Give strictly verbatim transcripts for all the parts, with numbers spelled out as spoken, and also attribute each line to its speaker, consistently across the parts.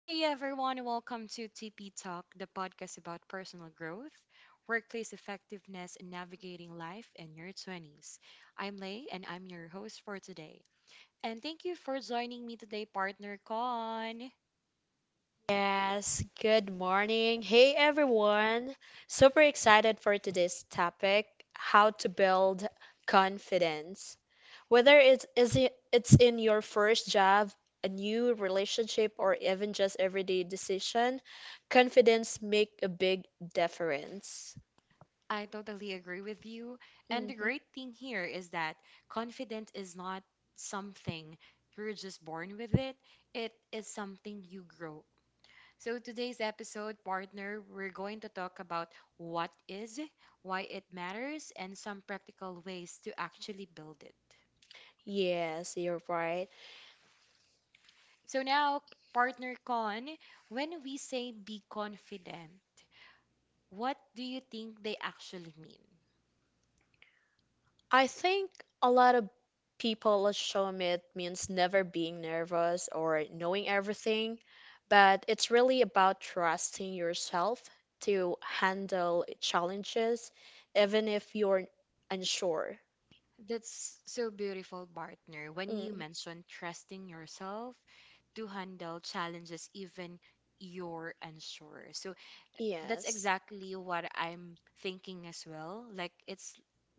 Speaker 1: Hey everyone, welcome to T P Talk, the podcast about personal growth, workplace effectiveness, and navigating life in your twenties. I'm Lay, and I'm your host for today. And thank you for joining me today, partner Con.
Speaker 2: Yes, good morning. Hey everyone. Super excited for today's topic, how to build confidence. Whether it's is it, it's in your first job, a new relationship or even just everyday decision, confidence make a big difference.
Speaker 1: I totally agree with you. And
Speaker 2: Hmm.
Speaker 1: the great thing here is that confidence is not something you're just born with it. It is something you grow. So today's episode, partner, we're going to talk about what is, why it matters, and some practical ways to actually build it.
Speaker 2: Yes, you're right.
Speaker 1: So now, partner Con, when we say be confident, what do you think they actually mean?
Speaker 2: I think a lot of people assume it means never being nervous or knowing everything, but it's really about trusting yourself to handle challenges, even if you're unsure.
Speaker 1: That's so beautiful, partner. When you
Speaker 2: Mm,
Speaker 1: mention trusting yourself to handle challenges, even you're unsure. So that's
Speaker 2: yes.
Speaker 1: exactly what I'm thinking as well. Like it's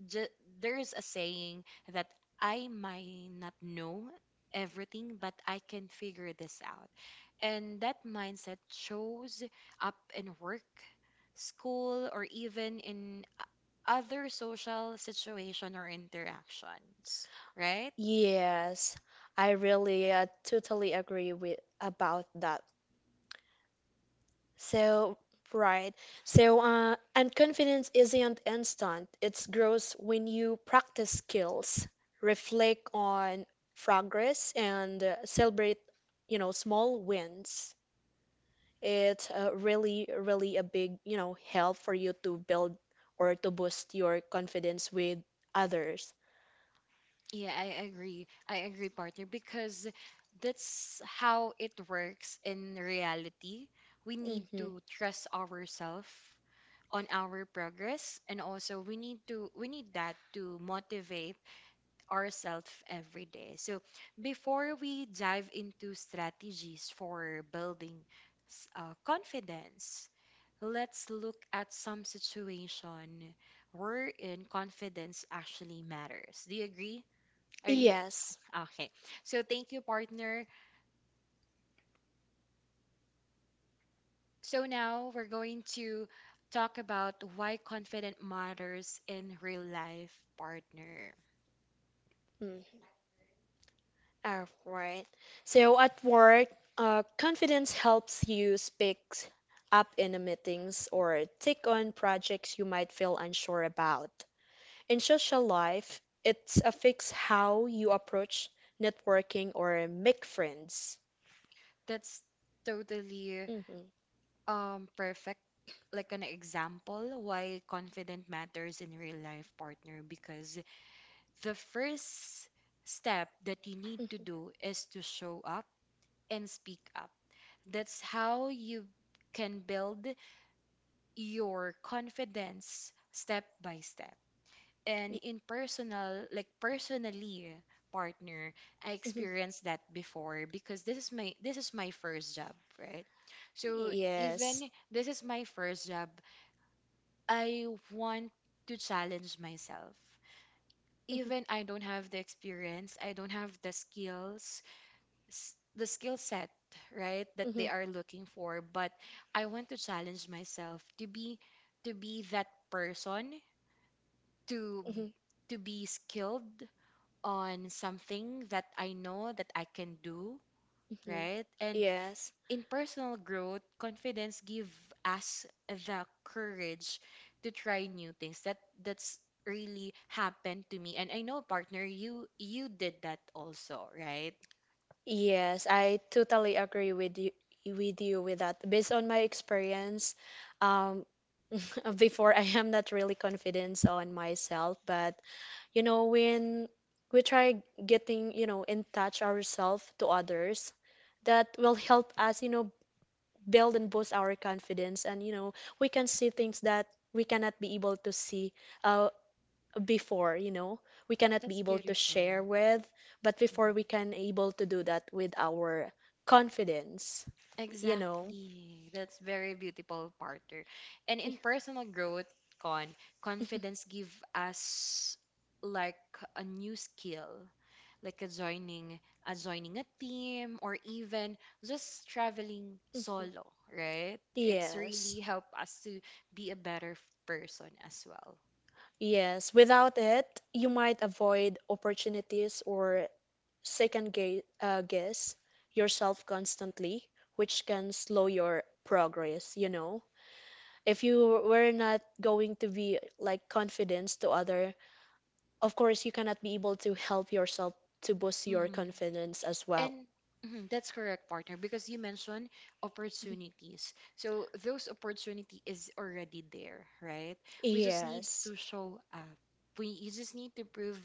Speaker 1: ju- there's a saying that I might not know everything, but I can figure this out. And that mindset shows up in work, school, or even in o- other social situation or interactions, right?
Speaker 2: Yes, I really uh, totally agree with about that. So, right. So, uh, and confidence isn't instant. It grows when you practice skills, reflect on progress, and uh, celebrate, you know, small wins. It's uh, really, really a big, you know, help for you to build or to boost your confidence with others.
Speaker 1: Yeah, I agree. I agree, partner, because that's how it works in reality. We need
Speaker 2: Hmm.
Speaker 1: to trust ourselves on our progress, and also we need to we need that to motivate ourselves every day. So before we dive into strategies for building s- uh, confidence, let's look at some situation wherein confidence actually matters. Do you agree? Are you
Speaker 2: Yes.
Speaker 1: okay? So thank you, partner. So now we're going to talk about why confident matters in real life, partner.
Speaker 2: Mm. All right. So at work, uh, confidence helps you speak up in the meetings or take on projects you might feel unsure about. In social life, it's affects how you approach networking or make friends.
Speaker 1: That's totally
Speaker 2: Mhm,
Speaker 1: um perfect, like an example why confident matters in real life, partner, because the first step that you need to
Speaker 2: mhm,
Speaker 1: do is to show up and speak up. That's how you can build your confidence step by step. And
Speaker 2: y-
Speaker 1: in personal, like personally, partner, I
Speaker 2: mhm.
Speaker 1: experienced that before because this is my this is my first job, right? So
Speaker 2: Yes.
Speaker 1: even this is my first job, I want to challenge myself, even I don't have the
Speaker 2: Mhm.
Speaker 1: experience, I don't have the skills, s- the skill set, right, that
Speaker 2: Hmm.
Speaker 1: they are looking for. But I want to challenge myself to be, to be that person, to
Speaker 2: Hmm.
Speaker 1: to be skilled on something that I know that I can do,
Speaker 2: Hmm.
Speaker 1: right? And
Speaker 2: Yes.
Speaker 1: in personal growth, confidence give us the courage to try new things. That that's really happened to me. And I know, partner, you you did that also, right?
Speaker 2: Yes, I totally agree with you with you with that. Based on my experience, um before I am not really confident on myself, but you know when we try getting, you know, in touch ourselves to others, that will help us, you know, build and boost our confidence, and you know, we can see things that we cannot be able to see uh, before you know we cannot be
Speaker 1: That's
Speaker 2: able to
Speaker 1: beautiful.
Speaker 2: share with, but before
Speaker 1: Mhm.
Speaker 2: we can able to do that with our confidence, you know
Speaker 1: Exactly. That's very beautiful, partner. And in personal growth, con
Speaker 2: Mhm.
Speaker 1: confidence give us like a new skill, like a joining a joining a team, or even just traveling
Speaker 2: Mhm.
Speaker 1: solo, right? It's
Speaker 2: Yes,
Speaker 1: really help us to be a better f- person as well.
Speaker 2: yes, without it you might avoid opportunities or second ga- uh, guess yourself constantly, which can slow your progress, you know if you were not going to be like confidence to other, of course you cannot be able to help yourself to boost your
Speaker 1: Hmm.
Speaker 2: confidence as well.
Speaker 1: And mhm, that's correct, partner, because you mentioned opportunities. So those opportunity is already there, right? We just need
Speaker 2: Yes.
Speaker 1: to show up. We You just need to prove,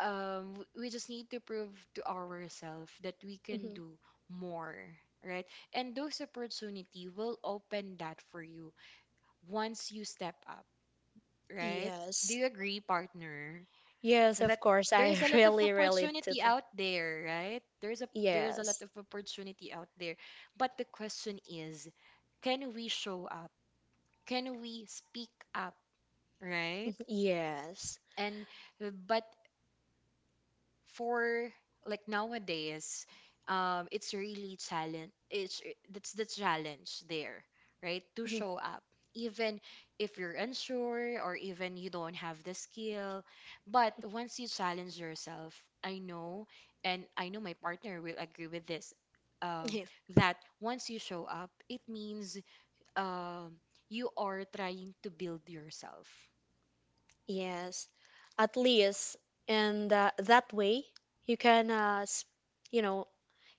Speaker 1: um w- we just need to prove to ourselves that we can
Speaker 2: Mhm.
Speaker 1: do more, right? And those opportunity will open that for you once you step up, right? Do
Speaker 2: Yes,
Speaker 1: you agree, partner?
Speaker 2: yes,
Speaker 1: That
Speaker 2: of course,
Speaker 1: there
Speaker 2: I
Speaker 1: is a lot of
Speaker 2: really relate to
Speaker 1: opportunity
Speaker 2: that.
Speaker 1: out there, right? There's a there is a lot
Speaker 2: Yes.
Speaker 1: of opportunity out there. But the question is, can we show up? Can we speak up,
Speaker 2: Mhm.
Speaker 1: right?
Speaker 2: Yes.
Speaker 1: And uh, but for like nowadays, um, it's really challenge. It's That's the challenge there, right? To show up, even if you're unsure or even you don't have the skill. But once you challenge yourself, I know, and I know my partner will agree with this. Um,
Speaker 2: Mhm.
Speaker 1: that once you show up, it means um, you are trying to build yourself.
Speaker 2: Yes, at least in that that way you can uh, s- you know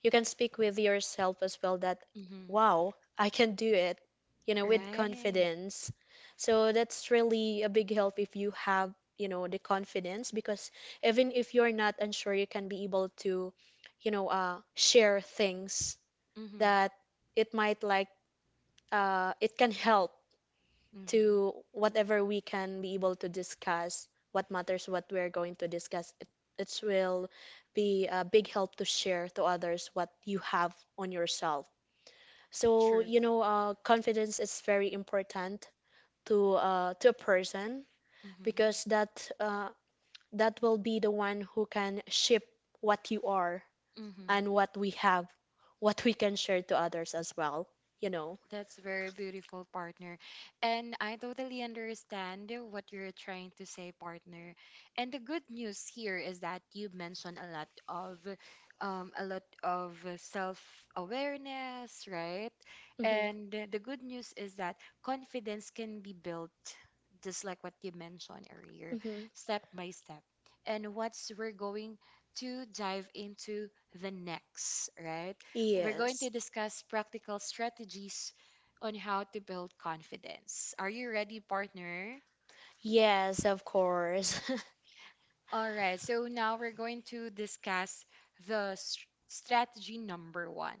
Speaker 2: you can speak with yourself as well that
Speaker 1: Hmm.
Speaker 2: wow, I can do it, you know with
Speaker 1: Right.
Speaker 2: confidence, so that's really a big help if you have, you know the confidence, because even if you're not unsure you can be able to you know uh, share things
Speaker 1: Mm-hmm.
Speaker 2: that it might like, uh, it can help
Speaker 1: Mm-hmm.
Speaker 2: to whatever we can be able to discuss, what matters, what we're going to discuss. It, it will be a big help to share to others what you have on yourself. So,
Speaker 1: True.
Speaker 2: you know, uh, confidence is very important to uh, to a person,
Speaker 1: Hmm.
Speaker 2: because that uh, that will be the one who can shape what you are
Speaker 1: Hmm.
Speaker 2: and what we have, what we can share to others as well, you know.
Speaker 1: That's very beautiful, partner. And I totally understand what you're trying to say, partner. And the good news here is that you mentioned a lot of um, a lot of self-awareness, right?
Speaker 2: Hmm.
Speaker 1: And the good news is that confidence can be built, just like what you mentioned earlier,
Speaker 2: Hmm.
Speaker 1: step by step. And what's we're going to dive into the next, right? We're going
Speaker 2: Yes.
Speaker 1: to discuss practical strategies on how to build confidence. Are you ready, partner?
Speaker 2: Yes, of course.
Speaker 1: All right, so now we're going to discuss the s- strategy number one.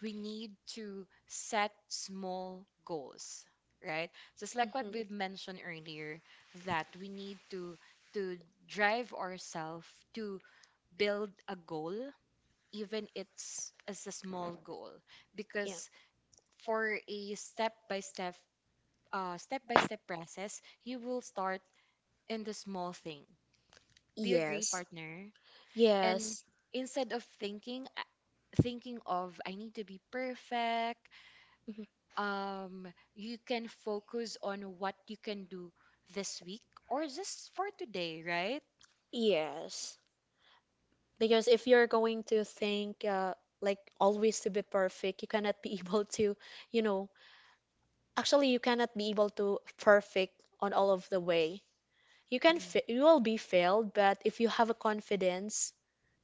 Speaker 1: We need to set small goals, right? Just like what
Speaker 2: Mhm.
Speaker 1: we mentioned earlier, that we need to to drive ourselves to build a goal, even it's as a small goal,
Speaker 2: Yeah.
Speaker 1: because for a step by step uh step by step process, you will start in the small thing. Do you agree,
Speaker 2: Yes.
Speaker 1: partner? And
Speaker 2: Yes.
Speaker 1: instead of thinking uh, thinking of I need to be perfect,
Speaker 2: Mhm.
Speaker 1: um you can focus on what you can do this week or just for today, right?
Speaker 2: Yes. Because if you're going to think uh, like always to be perfect, you cannot be able to, you know, actually you cannot be able to perfect on all of the way. You can
Speaker 1: Mhm.
Speaker 2: fa- you will be failed, but if you have a confidence,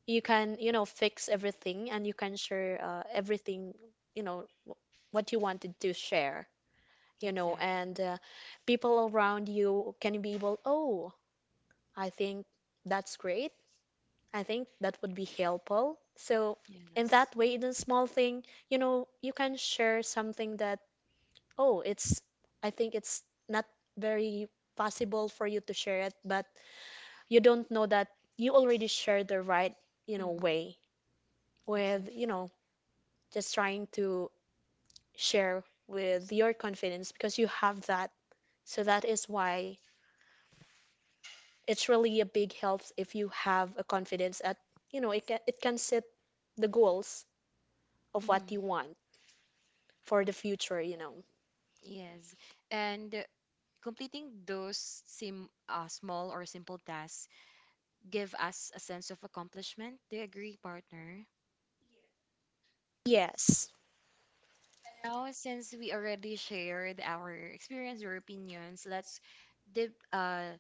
Speaker 2: you can, you know, fix everything and you can share uh, everything, you know, wh- what you wanted to share. you know,
Speaker 1: Exactly.
Speaker 2: and uh, people around you can be able, oh, I think that's great. I think that would be helpful. So, in
Speaker 1: Yes.
Speaker 2: that way, in a small thing, you know, you can share something that, oh, it's, I think it's not very possible for you to share it, but you don't know that you already share the right, you know,
Speaker 1: Mhm.
Speaker 2: way with, you
Speaker 1: Exactly.
Speaker 2: know, just trying to share with your confidence because you have that. So that is why it's really a big help if you have a confidence at you know it can it can set the goals of what you
Speaker 1: Mhm.
Speaker 2: want for the future you know
Speaker 1: Yes. And completing those sim uh, small or simple tasks give us a sense of accomplishment. Do you agree, partner?
Speaker 2: yes.
Speaker 1: Now, since we already shared our experience or opinions, let's dip, uh,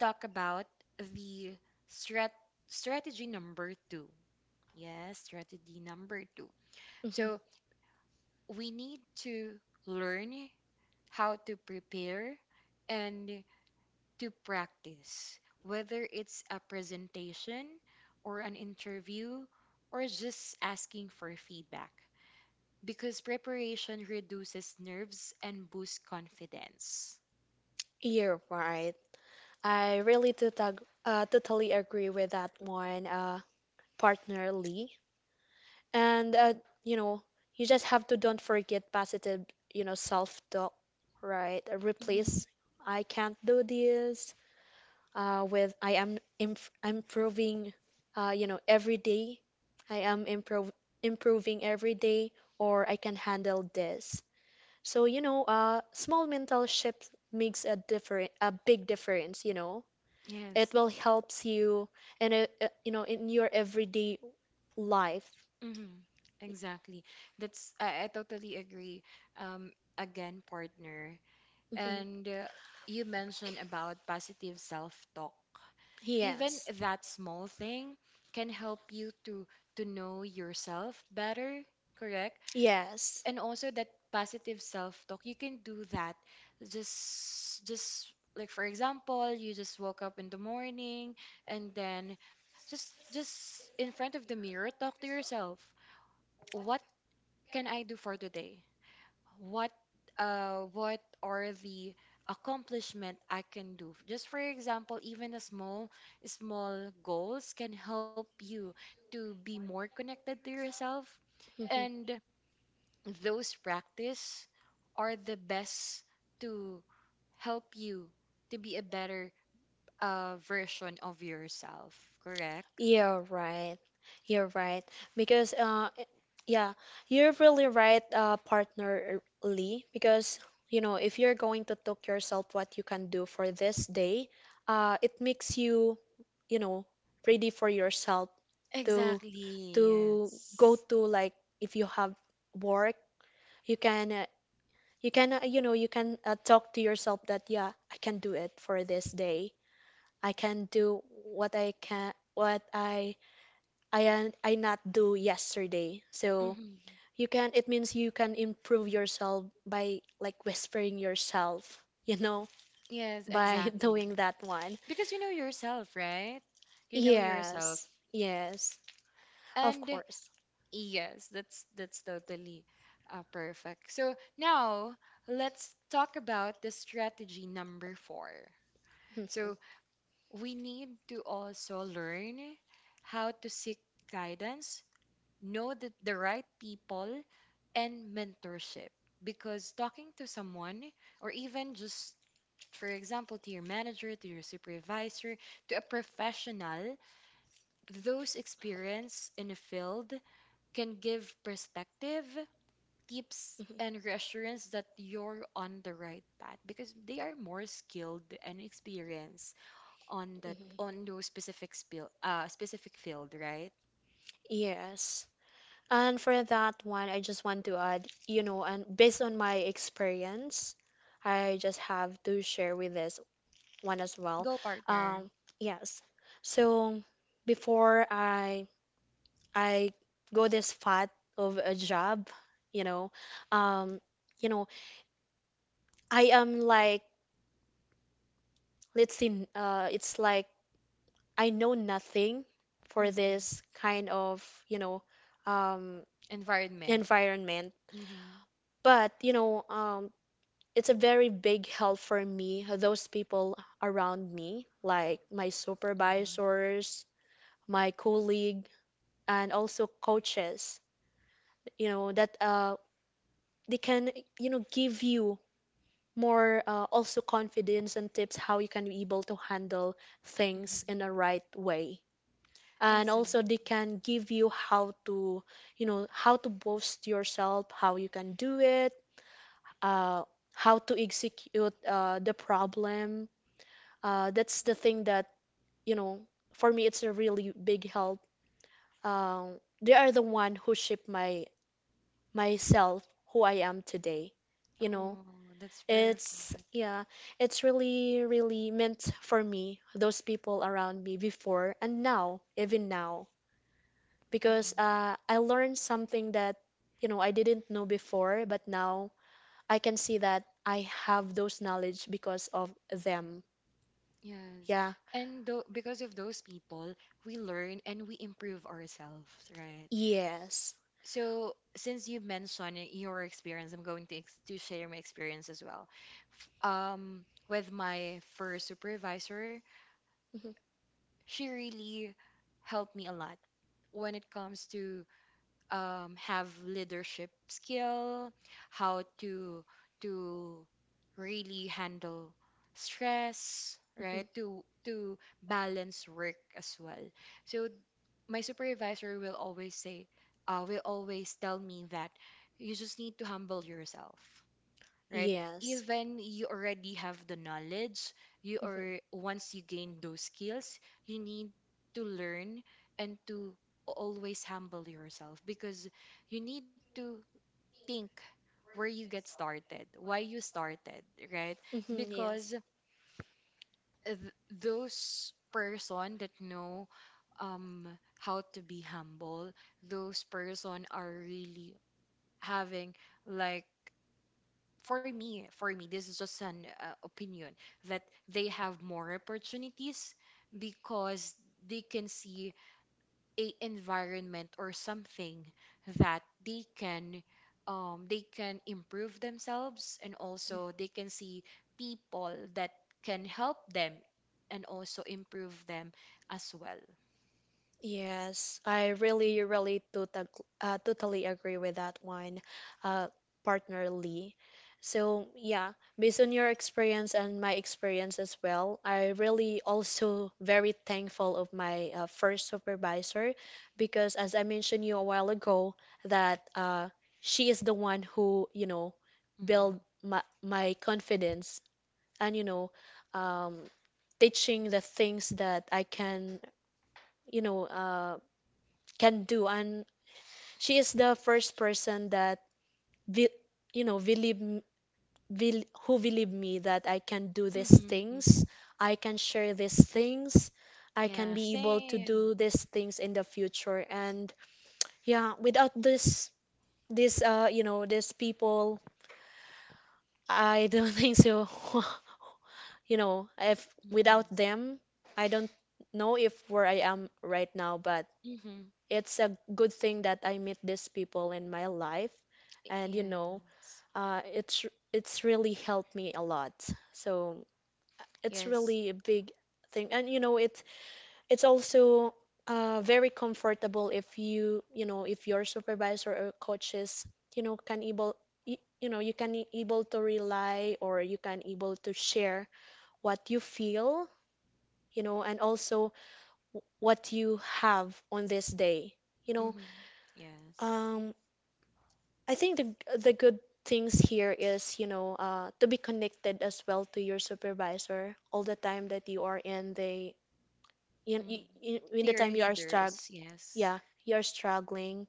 Speaker 1: talk about the strat strategy number two. Yes, strategy number two.
Speaker 2: Hmm.
Speaker 1: So we need to learn how to prepare and to practice, whether it's a presentation or an interview or just asking for feedback, because preparation reduces nerves and boosts confidence.
Speaker 2: You're right. I really totag- uh, totally agree with that one, uh, partner Lee. And uh, you know you just have to don't forget positive you know self-talk, right?
Speaker 1: Hmm.
Speaker 2: Replace "I can't do this" uh, with "I am imp improving, uh, you know, every day." "I am improv improving every day," or "I can handle this." So, you know, uh, small mental shift makes a different, a big difference, you know. It
Speaker 1: Yes.
Speaker 2: will helps you in a, uh, you know, in your everyday life.
Speaker 1: Mm-hmm. Exactly. That's I, I totally agree. Um, Again, partner.
Speaker 2: Mhm.
Speaker 1: And uh, you mentioned about positive self-talk. Even
Speaker 2: Yes.
Speaker 1: that small thing can help you to to know yourself better, correct?
Speaker 2: Yes.
Speaker 1: And also that positive self-talk you can do that, just just like for example, you just woke up in the morning, and then just just in front of the mirror, talk to yourself, what can I do for today, what, uh what are the accomplishment I can do? Just for example, even a small small goals can help you to be more connected to yourself,
Speaker 2: Mhm.
Speaker 1: and those practice are the best to help you to be a better uh, version of yourself, correct?
Speaker 2: You're right. You're right. Because, uh, i- yeah, you're really right, uh, partner uh, Lee. Because, you know, if you're going to talk yourself what you can do for this day, uh, it makes you, you know, ready for yourself to
Speaker 1: Exactly,
Speaker 2: to go
Speaker 1: yes.
Speaker 2: to, like, if you have work, you can uh, you can uh, you know you can uh, talk to yourself that yeah, I can do it for this day. I can do what I can what I I an- I not do yesterday. So
Speaker 1: Hmm.
Speaker 2: you can, it means you can improve yourself by like whispering yourself, you know,
Speaker 1: Yes,
Speaker 2: by
Speaker 1: exactly.
Speaker 2: doing that one.
Speaker 1: Because you know yourself, right? You know yourself.
Speaker 2: Yes. Yes. Of
Speaker 1: And
Speaker 2: course.
Speaker 1: yes, that's that's totally uh, perfect. So now let's talk about the strategy number four.
Speaker 2: Mhm,
Speaker 1: So we need to also learn how to seek guidance, know the, the right people, and mentorship. Because talking to someone or even just for example, to your manager, to your supervisor, to a professional, those experience in a field can give perspective, tips,
Speaker 2: mhm,
Speaker 1: and reassurance that you're on the right path, because they are more skilled and experienced on that
Speaker 2: mhm.
Speaker 1: on those specific spiel, uh, specific field, right?
Speaker 2: Yes. And for that one, I just want to add, you know, and based on my experience, I just have to share with this one as well.
Speaker 1: Go, partner.
Speaker 2: Um, yes. So before I I go this fat of a job, you know. Um, you know, I am like, let's see, uh, it's like I know nothing for
Speaker 1: Hmm.
Speaker 2: this kind of, you know, um,
Speaker 1: Environment.
Speaker 2: environment.
Speaker 1: Hmm.
Speaker 2: But, you know, um, it's a very big help for me, those people around me, like my
Speaker 1: Hmm.
Speaker 2: supervisors, my colleague, and also coaches, you know, that uh, they can, you know, give you more uh, also confidence and tips how you can be able to handle
Speaker 1: Mhm.
Speaker 2: things in a right way, and also they
Speaker 1: Exactly.
Speaker 2: can give you how to you know how to boost yourself, how you can do it, uh, how to execute uh, the problem, uh, that's the thing that, you know for me it's a really big help. um, they are the one who shaped my myself who I am today you know
Speaker 1: Oh, that's
Speaker 2: It's
Speaker 1: perfect.
Speaker 2: yeah, it's really, really meant for me, those people around me before and now, even now, because
Speaker 1: Mhm.
Speaker 2: uh, I learned something that, you know, I didn't know before, but now I can see that I have those knowledge because of them.
Speaker 1: Yes.
Speaker 2: Yeah.
Speaker 1: And though because of those people, we learn and we improve ourselves, right?
Speaker 2: Yes.
Speaker 1: So since you mentioned your experience, I'm going to ex to share my experience as well. F- Um, with my first supervisor,
Speaker 2: Mhm,
Speaker 1: she really helped me a lot when it comes to um, have leadership skill, how to to really handle stress, right?
Speaker 2: mhm.
Speaker 1: To to balance work as well. So my supervisor will always say, uh, will always tell me that you just need to humble yourself, right?
Speaker 2: Yes.
Speaker 1: Even you already have the knowledge, you
Speaker 2: Mhm.
Speaker 1: are once you gain those skills, you need to learn and to always humble yourself, because you need to think where you get started, why you started, right?
Speaker 2: Mhm, Yes.
Speaker 1: Because th- those person that know um how to be humble, those person are really having like, for me, for me, this is just an uh, opinion that they have more opportunities because they can see a environment or something that they can um, they can improve themselves, and also they can see people that can help them and also improve them as well.
Speaker 2: Yes, I really, really tota uh, totally agree with that one, uh, partner Lee. So, yeah, based on your experience and my experience as well, I really also very thankful of my uh, first supervisor, because as I mentioned you a while ago that uh, she is the one who, you know,
Speaker 1: Hmm.
Speaker 2: build my my confidence, and you know um, teaching the things that I can you know uh, can do, and she is the first person that be, you know believe m- bel- who believe me that I can do these
Speaker 1: Hmm.
Speaker 2: things. I can share these things. I
Speaker 1: Yeah,
Speaker 2: can be able to
Speaker 1: same.
Speaker 2: do these things in the future. And yeah, without this this uh you know these people, I don't think so. you know, if
Speaker 1: Hmm.
Speaker 2: without them, I don't know if where I am right now, but
Speaker 1: Hmm.
Speaker 2: it's a good thing that I meet these people in my life, and you know,
Speaker 1: Yes.
Speaker 2: uh, it's it's really helped me a lot. So it's
Speaker 1: Yes.
Speaker 2: really a big thing, and you know, it's it's also uh, very comfortable if you you know if your supervisor or coaches you know can able you, you know you can able to rely or you can able to share what you feel, you know, and also w- what you have on this day. You know,
Speaker 1: Mm-hmm. Yes.
Speaker 2: um, I think the the good things here is, you know, uh, to be connected as well to your supervisor all the time that you are in the, in,
Speaker 1: Mm-hmm.
Speaker 2: in, in
Speaker 1: To
Speaker 2: the
Speaker 1: your
Speaker 2: time you are struggling.
Speaker 1: leaders. Yes.
Speaker 2: Yeah, you're struggling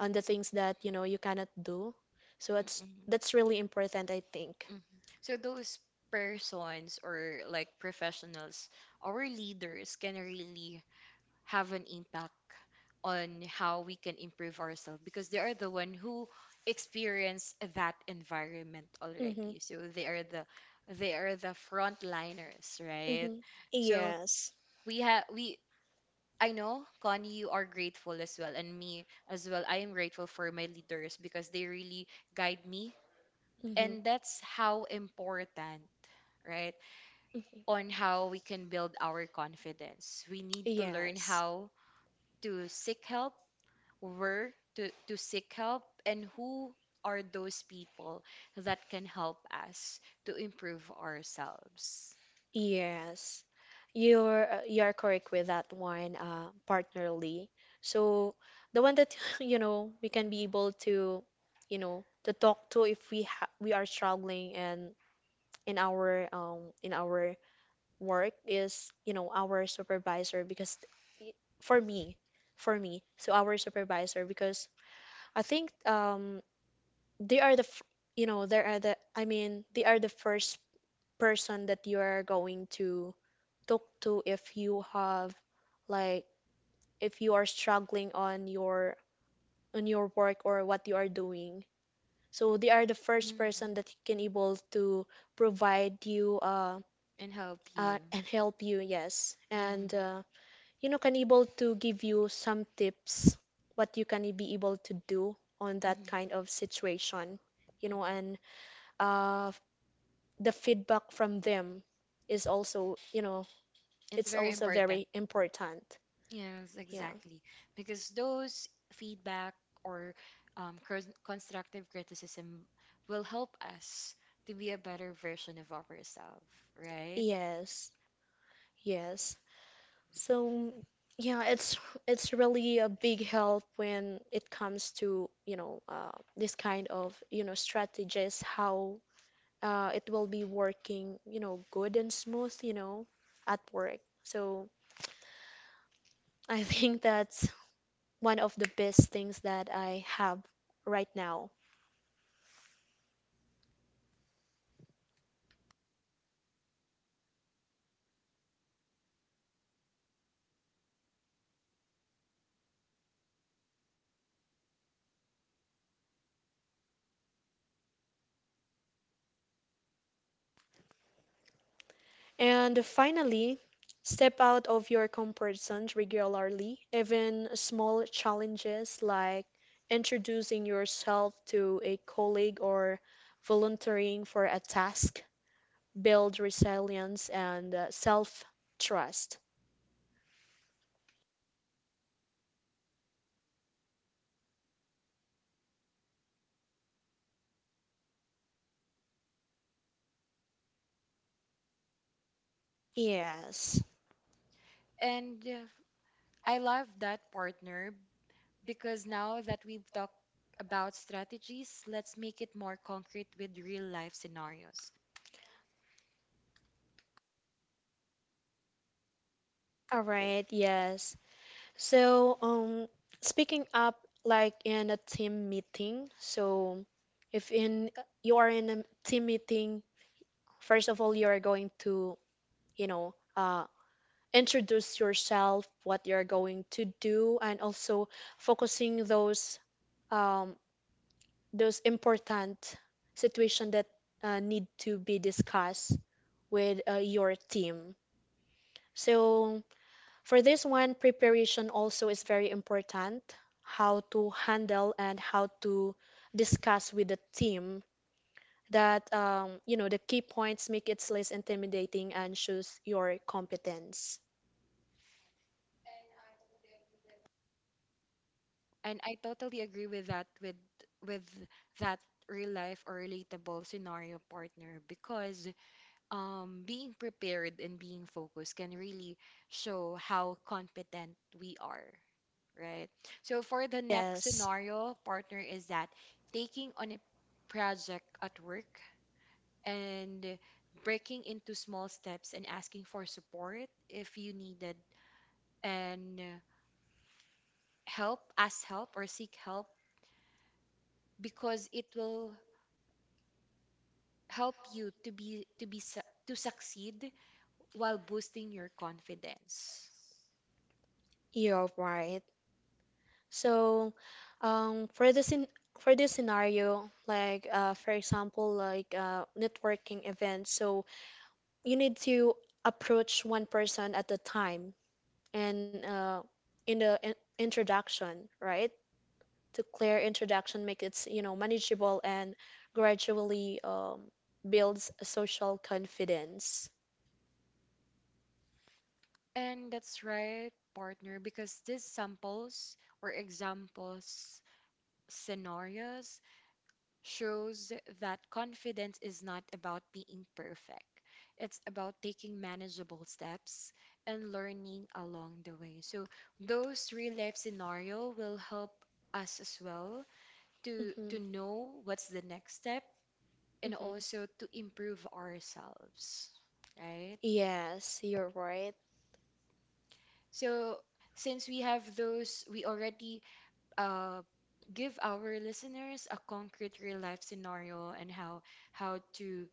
Speaker 2: on the things that, you know, you cannot do. So it's
Speaker 1: Mm-hmm.
Speaker 2: that's really important, I think.
Speaker 1: Hmm. So those persons or like professionals, our leaders can really have an impact on how we can improve ourselves, because they are the one who experience that environment
Speaker 2: Mm-hmm.
Speaker 1: already. So they are the, they are the frontliners, right?
Speaker 2: Hmm.
Speaker 1: So
Speaker 2: Yes.
Speaker 1: we have we I know, Connie, you are grateful as well, and me as well, I am grateful for my leaders, because they really guide me,
Speaker 2: Hmm.
Speaker 1: and that's how important, right,
Speaker 2: Mhm.
Speaker 1: on how we can build our confidence. We need to learn
Speaker 2: Yes,
Speaker 1: how to seek help, where to, to seek help, and who are those people that can help us to improve ourselves.
Speaker 2: yes. You're uh, you're correct with that one, uh, partner Lee. So the one that you know we can be able to, you know, to talk to if we ha we are struggling, and in our um in our work is, you know, our supervisor, because for me, for me, so our supervisor, because I think um they are the f- you know they are the I mean they are the first person that you are going to talk to if you have, like, if you are struggling on your on your work or what you are doing. So they are the first
Speaker 1: Mhm.
Speaker 2: person that can able to provide you uh,
Speaker 1: And help
Speaker 2: uh
Speaker 1: you.
Speaker 2: and help you, yes, and
Speaker 1: Hmm.
Speaker 2: uh, you know can able to give you some tips what you can be able to do on that
Speaker 1: Hmm.
Speaker 2: kind of situation, you know
Speaker 1: Hmm.
Speaker 2: and uh, the feedback from them is also, you know,
Speaker 1: It's
Speaker 2: it's
Speaker 1: very
Speaker 2: also
Speaker 1: important.
Speaker 2: very important.
Speaker 1: Yes,
Speaker 2: Yeah.
Speaker 1: exactly. Because those feedback or um, cros- constructive criticism will help us to be a better version of ourselves, right?
Speaker 2: Yes, yes. So, yeah, it's it's really a big help when it comes to, you know, uh, this kind of, you know, strategies, how uh, it will be working, you know, good and smooth, you know, at work. So, I think that's one of the best things that I have right now. And finally, step out of your comfort zone regularly. Even small challenges like introducing yourself to a colleague or volunteering for a task build resilience and self trust. Yes.
Speaker 1: And uh, I love that, partner, because now that we've talked about strategies, let's make it more concrete with real life scenarios.
Speaker 2: All right, yes. So, um, speaking up like in a team meeting. So, if in you are in a team meeting, first of all, you are going to you know, uh, introduce yourself, what you're going to do, and also focusing those um, those important situation that uh, need to be discussed with uh, your team. So for this one, preparation also is very important. How to handle and how to discuss with the team that um, you know the key points make it less intimidating and shows your competence.
Speaker 1: And I totally agree with that with with that real life or relatable scenario, partner, because um, being prepared and being focused can really show how competent we are, right? So for the next
Speaker 2: Yes,
Speaker 1: scenario, partner, is that taking on a project at work and breaking into small steps and asking for support if you needed and help, ask help or seek help, because it will help you to be to be su- to succeed while boosting your confidence.
Speaker 2: you're right. So, um, for this in for this scenario, like uh, for example, like uh, networking events, so you need to approach one person at a time, and uh, in the in introduction, right? To clear introduction, make it, you know manageable and gradually um, builds a social confidence.
Speaker 1: And that's right, partner, because these samples or examples, scenarios, shows that confidence is not about being perfect. It's about taking manageable steps and learning along the way. So those real life scenario will help us as well to
Speaker 2: Mm-hmm.
Speaker 1: to know what's the next step, and
Speaker 2: Mm-hmm.
Speaker 1: also to improve ourselves, right?
Speaker 2: Yes, you're right.
Speaker 1: So since we have those, we already uh, give our listeners a concrete real life scenario, and how how to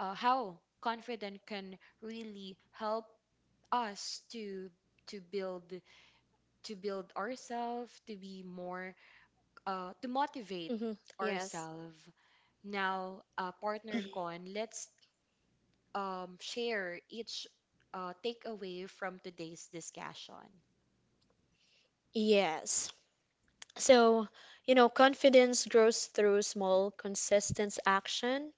Speaker 1: uh, how confident can really help us to to build to build ourselves to be more, uh, to motivate
Speaker 2: Hmm. Yes.
Speaker 1: ourselves. Now uh, partner Con, let's um, share each uh, takeaway from today's discussion.
Speaker 2: Yes. So, you know, confidence grows through small, consistent action,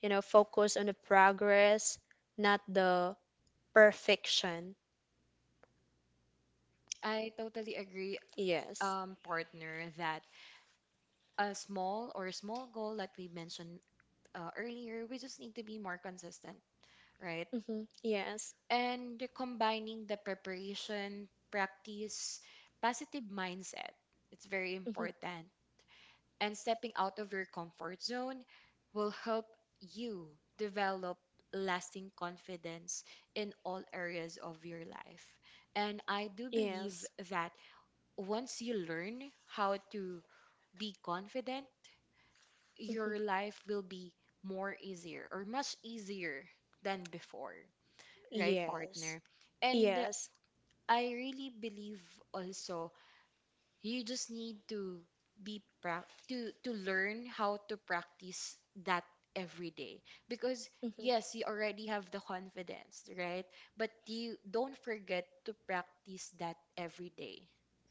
Speaker 2: you know, focus on the progress, not the perfection.
Speaker 1: I totally agree,
Speaker 2: Yes.
Speaker 1: um, partner, that a small or a small goal that we mentioned uh, earlier, we just need to be more consistent, right?
Speaker 2: Hmm. Yes.
Speaker 1: And you're combining the preparation, practice, positive mindset. It's very
Speaker 2: Hmm.
Speaker 1: important. And stepping out of your comfort zone will help you develop lasting confidence in all areas of your life. And I do believe
Speaker 2: Yes.
Speaker 1: that once you learn how to be confident,
Speaker 2: Hmm.
Speaker 1: your life will be more easier or much easier than before, right,
Speaker 2: Yes.
Speaker 1: partner? And
Speaker 2: Yes.
Speaker 1: I really believe also, you just need to be prac to to learn how to practice that every day, because
Speaker 2: Mm-hmm.
Speaker 1: yes, you already have the confidence, right? But you don't forget to practice that every day,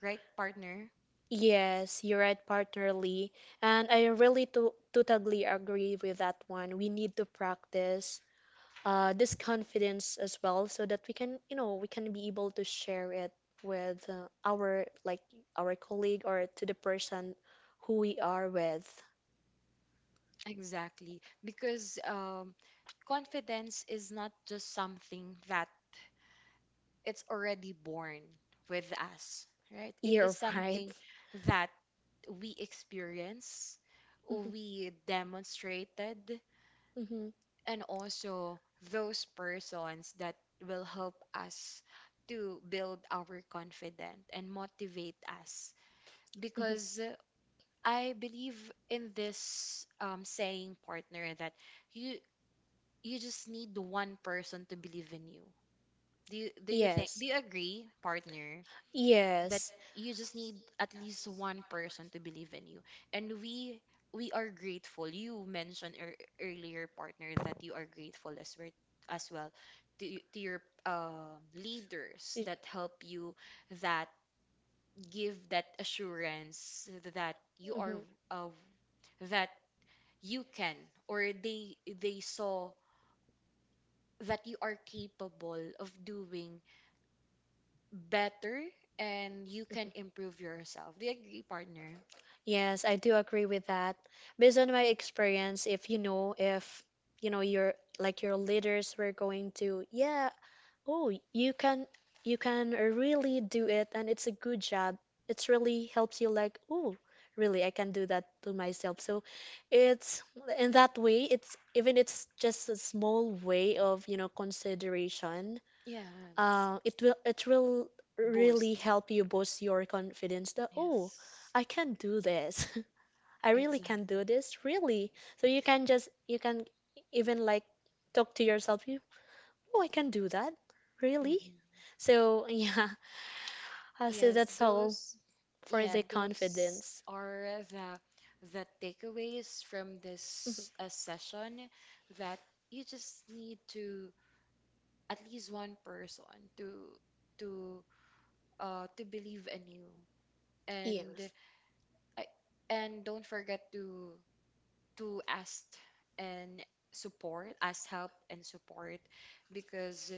Speaker 1: right, partner?
Speaker 2: Yes, you're right, partner Lee. And I really to totally agree with that one. We need to practice uh, this confidence as well so that we can, you know, we can be able to share it with uh, our like our colleague or to the person who we are with.
Speaker 1: Exactly. Because um, confidence is not just something that it's already born with us, right? It is
Speaker 2: You're right.
Speaker 1: something that we experience,
Speaker 2: Mhm,
Speaker 1: we demonstrated,
Speaker 2: mhm,
Speaker 1: and also those persons that will help us to build our confidence and motivate us.
Speaker 2: mhm.
Speaker 1: Because uh, I believe in this um, saying, partner, that you you just need one person to believe in you. Do you, do you think do
Speaker 2: Yes.
Speaker 1: you agree, partner, that
Speaker 2: Yes.
Speaker 1: you just need at least one person to believe in you? And we we are grateful. You mentioned ear earlier, partner, that you are grateful as well as well to y- to your um leaders that help you, that give that assurance that you are
Speaker 2: Mhm.
Speaker 1: uh, that you can, or they they saw that you are capable of doing better and you can
Speaker 2: Mhm.
Speaker 1: improve yourself. Do you agree, partner?
Speaker 2: Yes, I do agree with that. Based on my experience, if you know, if you know your like your leaders were going to, yeah, oh, you can, you can really do it and it's a good job. It's really helps you like, oh, really, I can do that to myself. So, it's in that way, it's even it's just a small way of, you know, consideration,
Speaker 1: Yes.
Speaker 2: uh, it will it will really
Speaker 1: Boost.
Speaker 2: help you boost your confidence that, oh,
Speaker 1: Yes.
Speaker 2: I can do this. I really can do
Speaker 1: Exactly.
Speaker 2: this, really, so you can, just you can even like talk to yourself, you oh, I can do that really,
Speaker 1: Hmm.
Speaker 2: so yeah, uh, so
Speaker 1: Yes,
Speaker 2: that's all
Speaker 1: those,
Speaker 2: for
Speaker 1: yeah,
Speaker 2: the
Speaker 1: those
Speaker 2: confidence.
Speaker 1: are the the takeaways from
Speaker 2: Mhm.
Speaker 1: this uh, session, that you just need to at least one person to to uh, to believe anew. And
Speaker 2: Yes.
Speaker 1: I and don't forget to to ask and support, ask help and support, because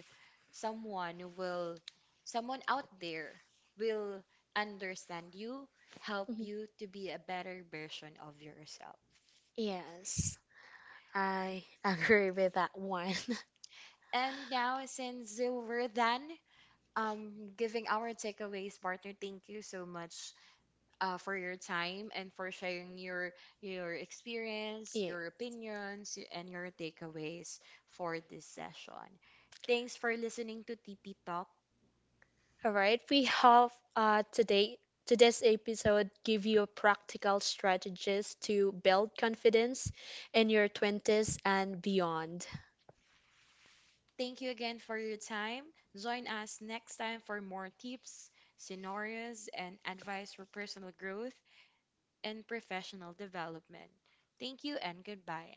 Speaker 1: someone will, someone out there will understand you, help
Speaker 2: Mhm.
Speaker 1: you to be a better version of yourself.
Speaker 2: Yes, I agree with that one.
Speaker 1: And now, since we're done um, giving our takeaways, partner, thank you so much uh, for your time and for sharing your your experience,
Speaker 2: Yeah.
Speaker 1: your opinions, y- and your takeaways for this session. Thanks for listening to T P Talk.
Speaker 2: All right, we have uh, today today's episode give you practical strategies to build confidence in your twenties and beyond.
Speaker 1: Thank you again for your time. Join us next time for more tips, scenarios, and advice for personal growth and professional development. Thank you and goodbye.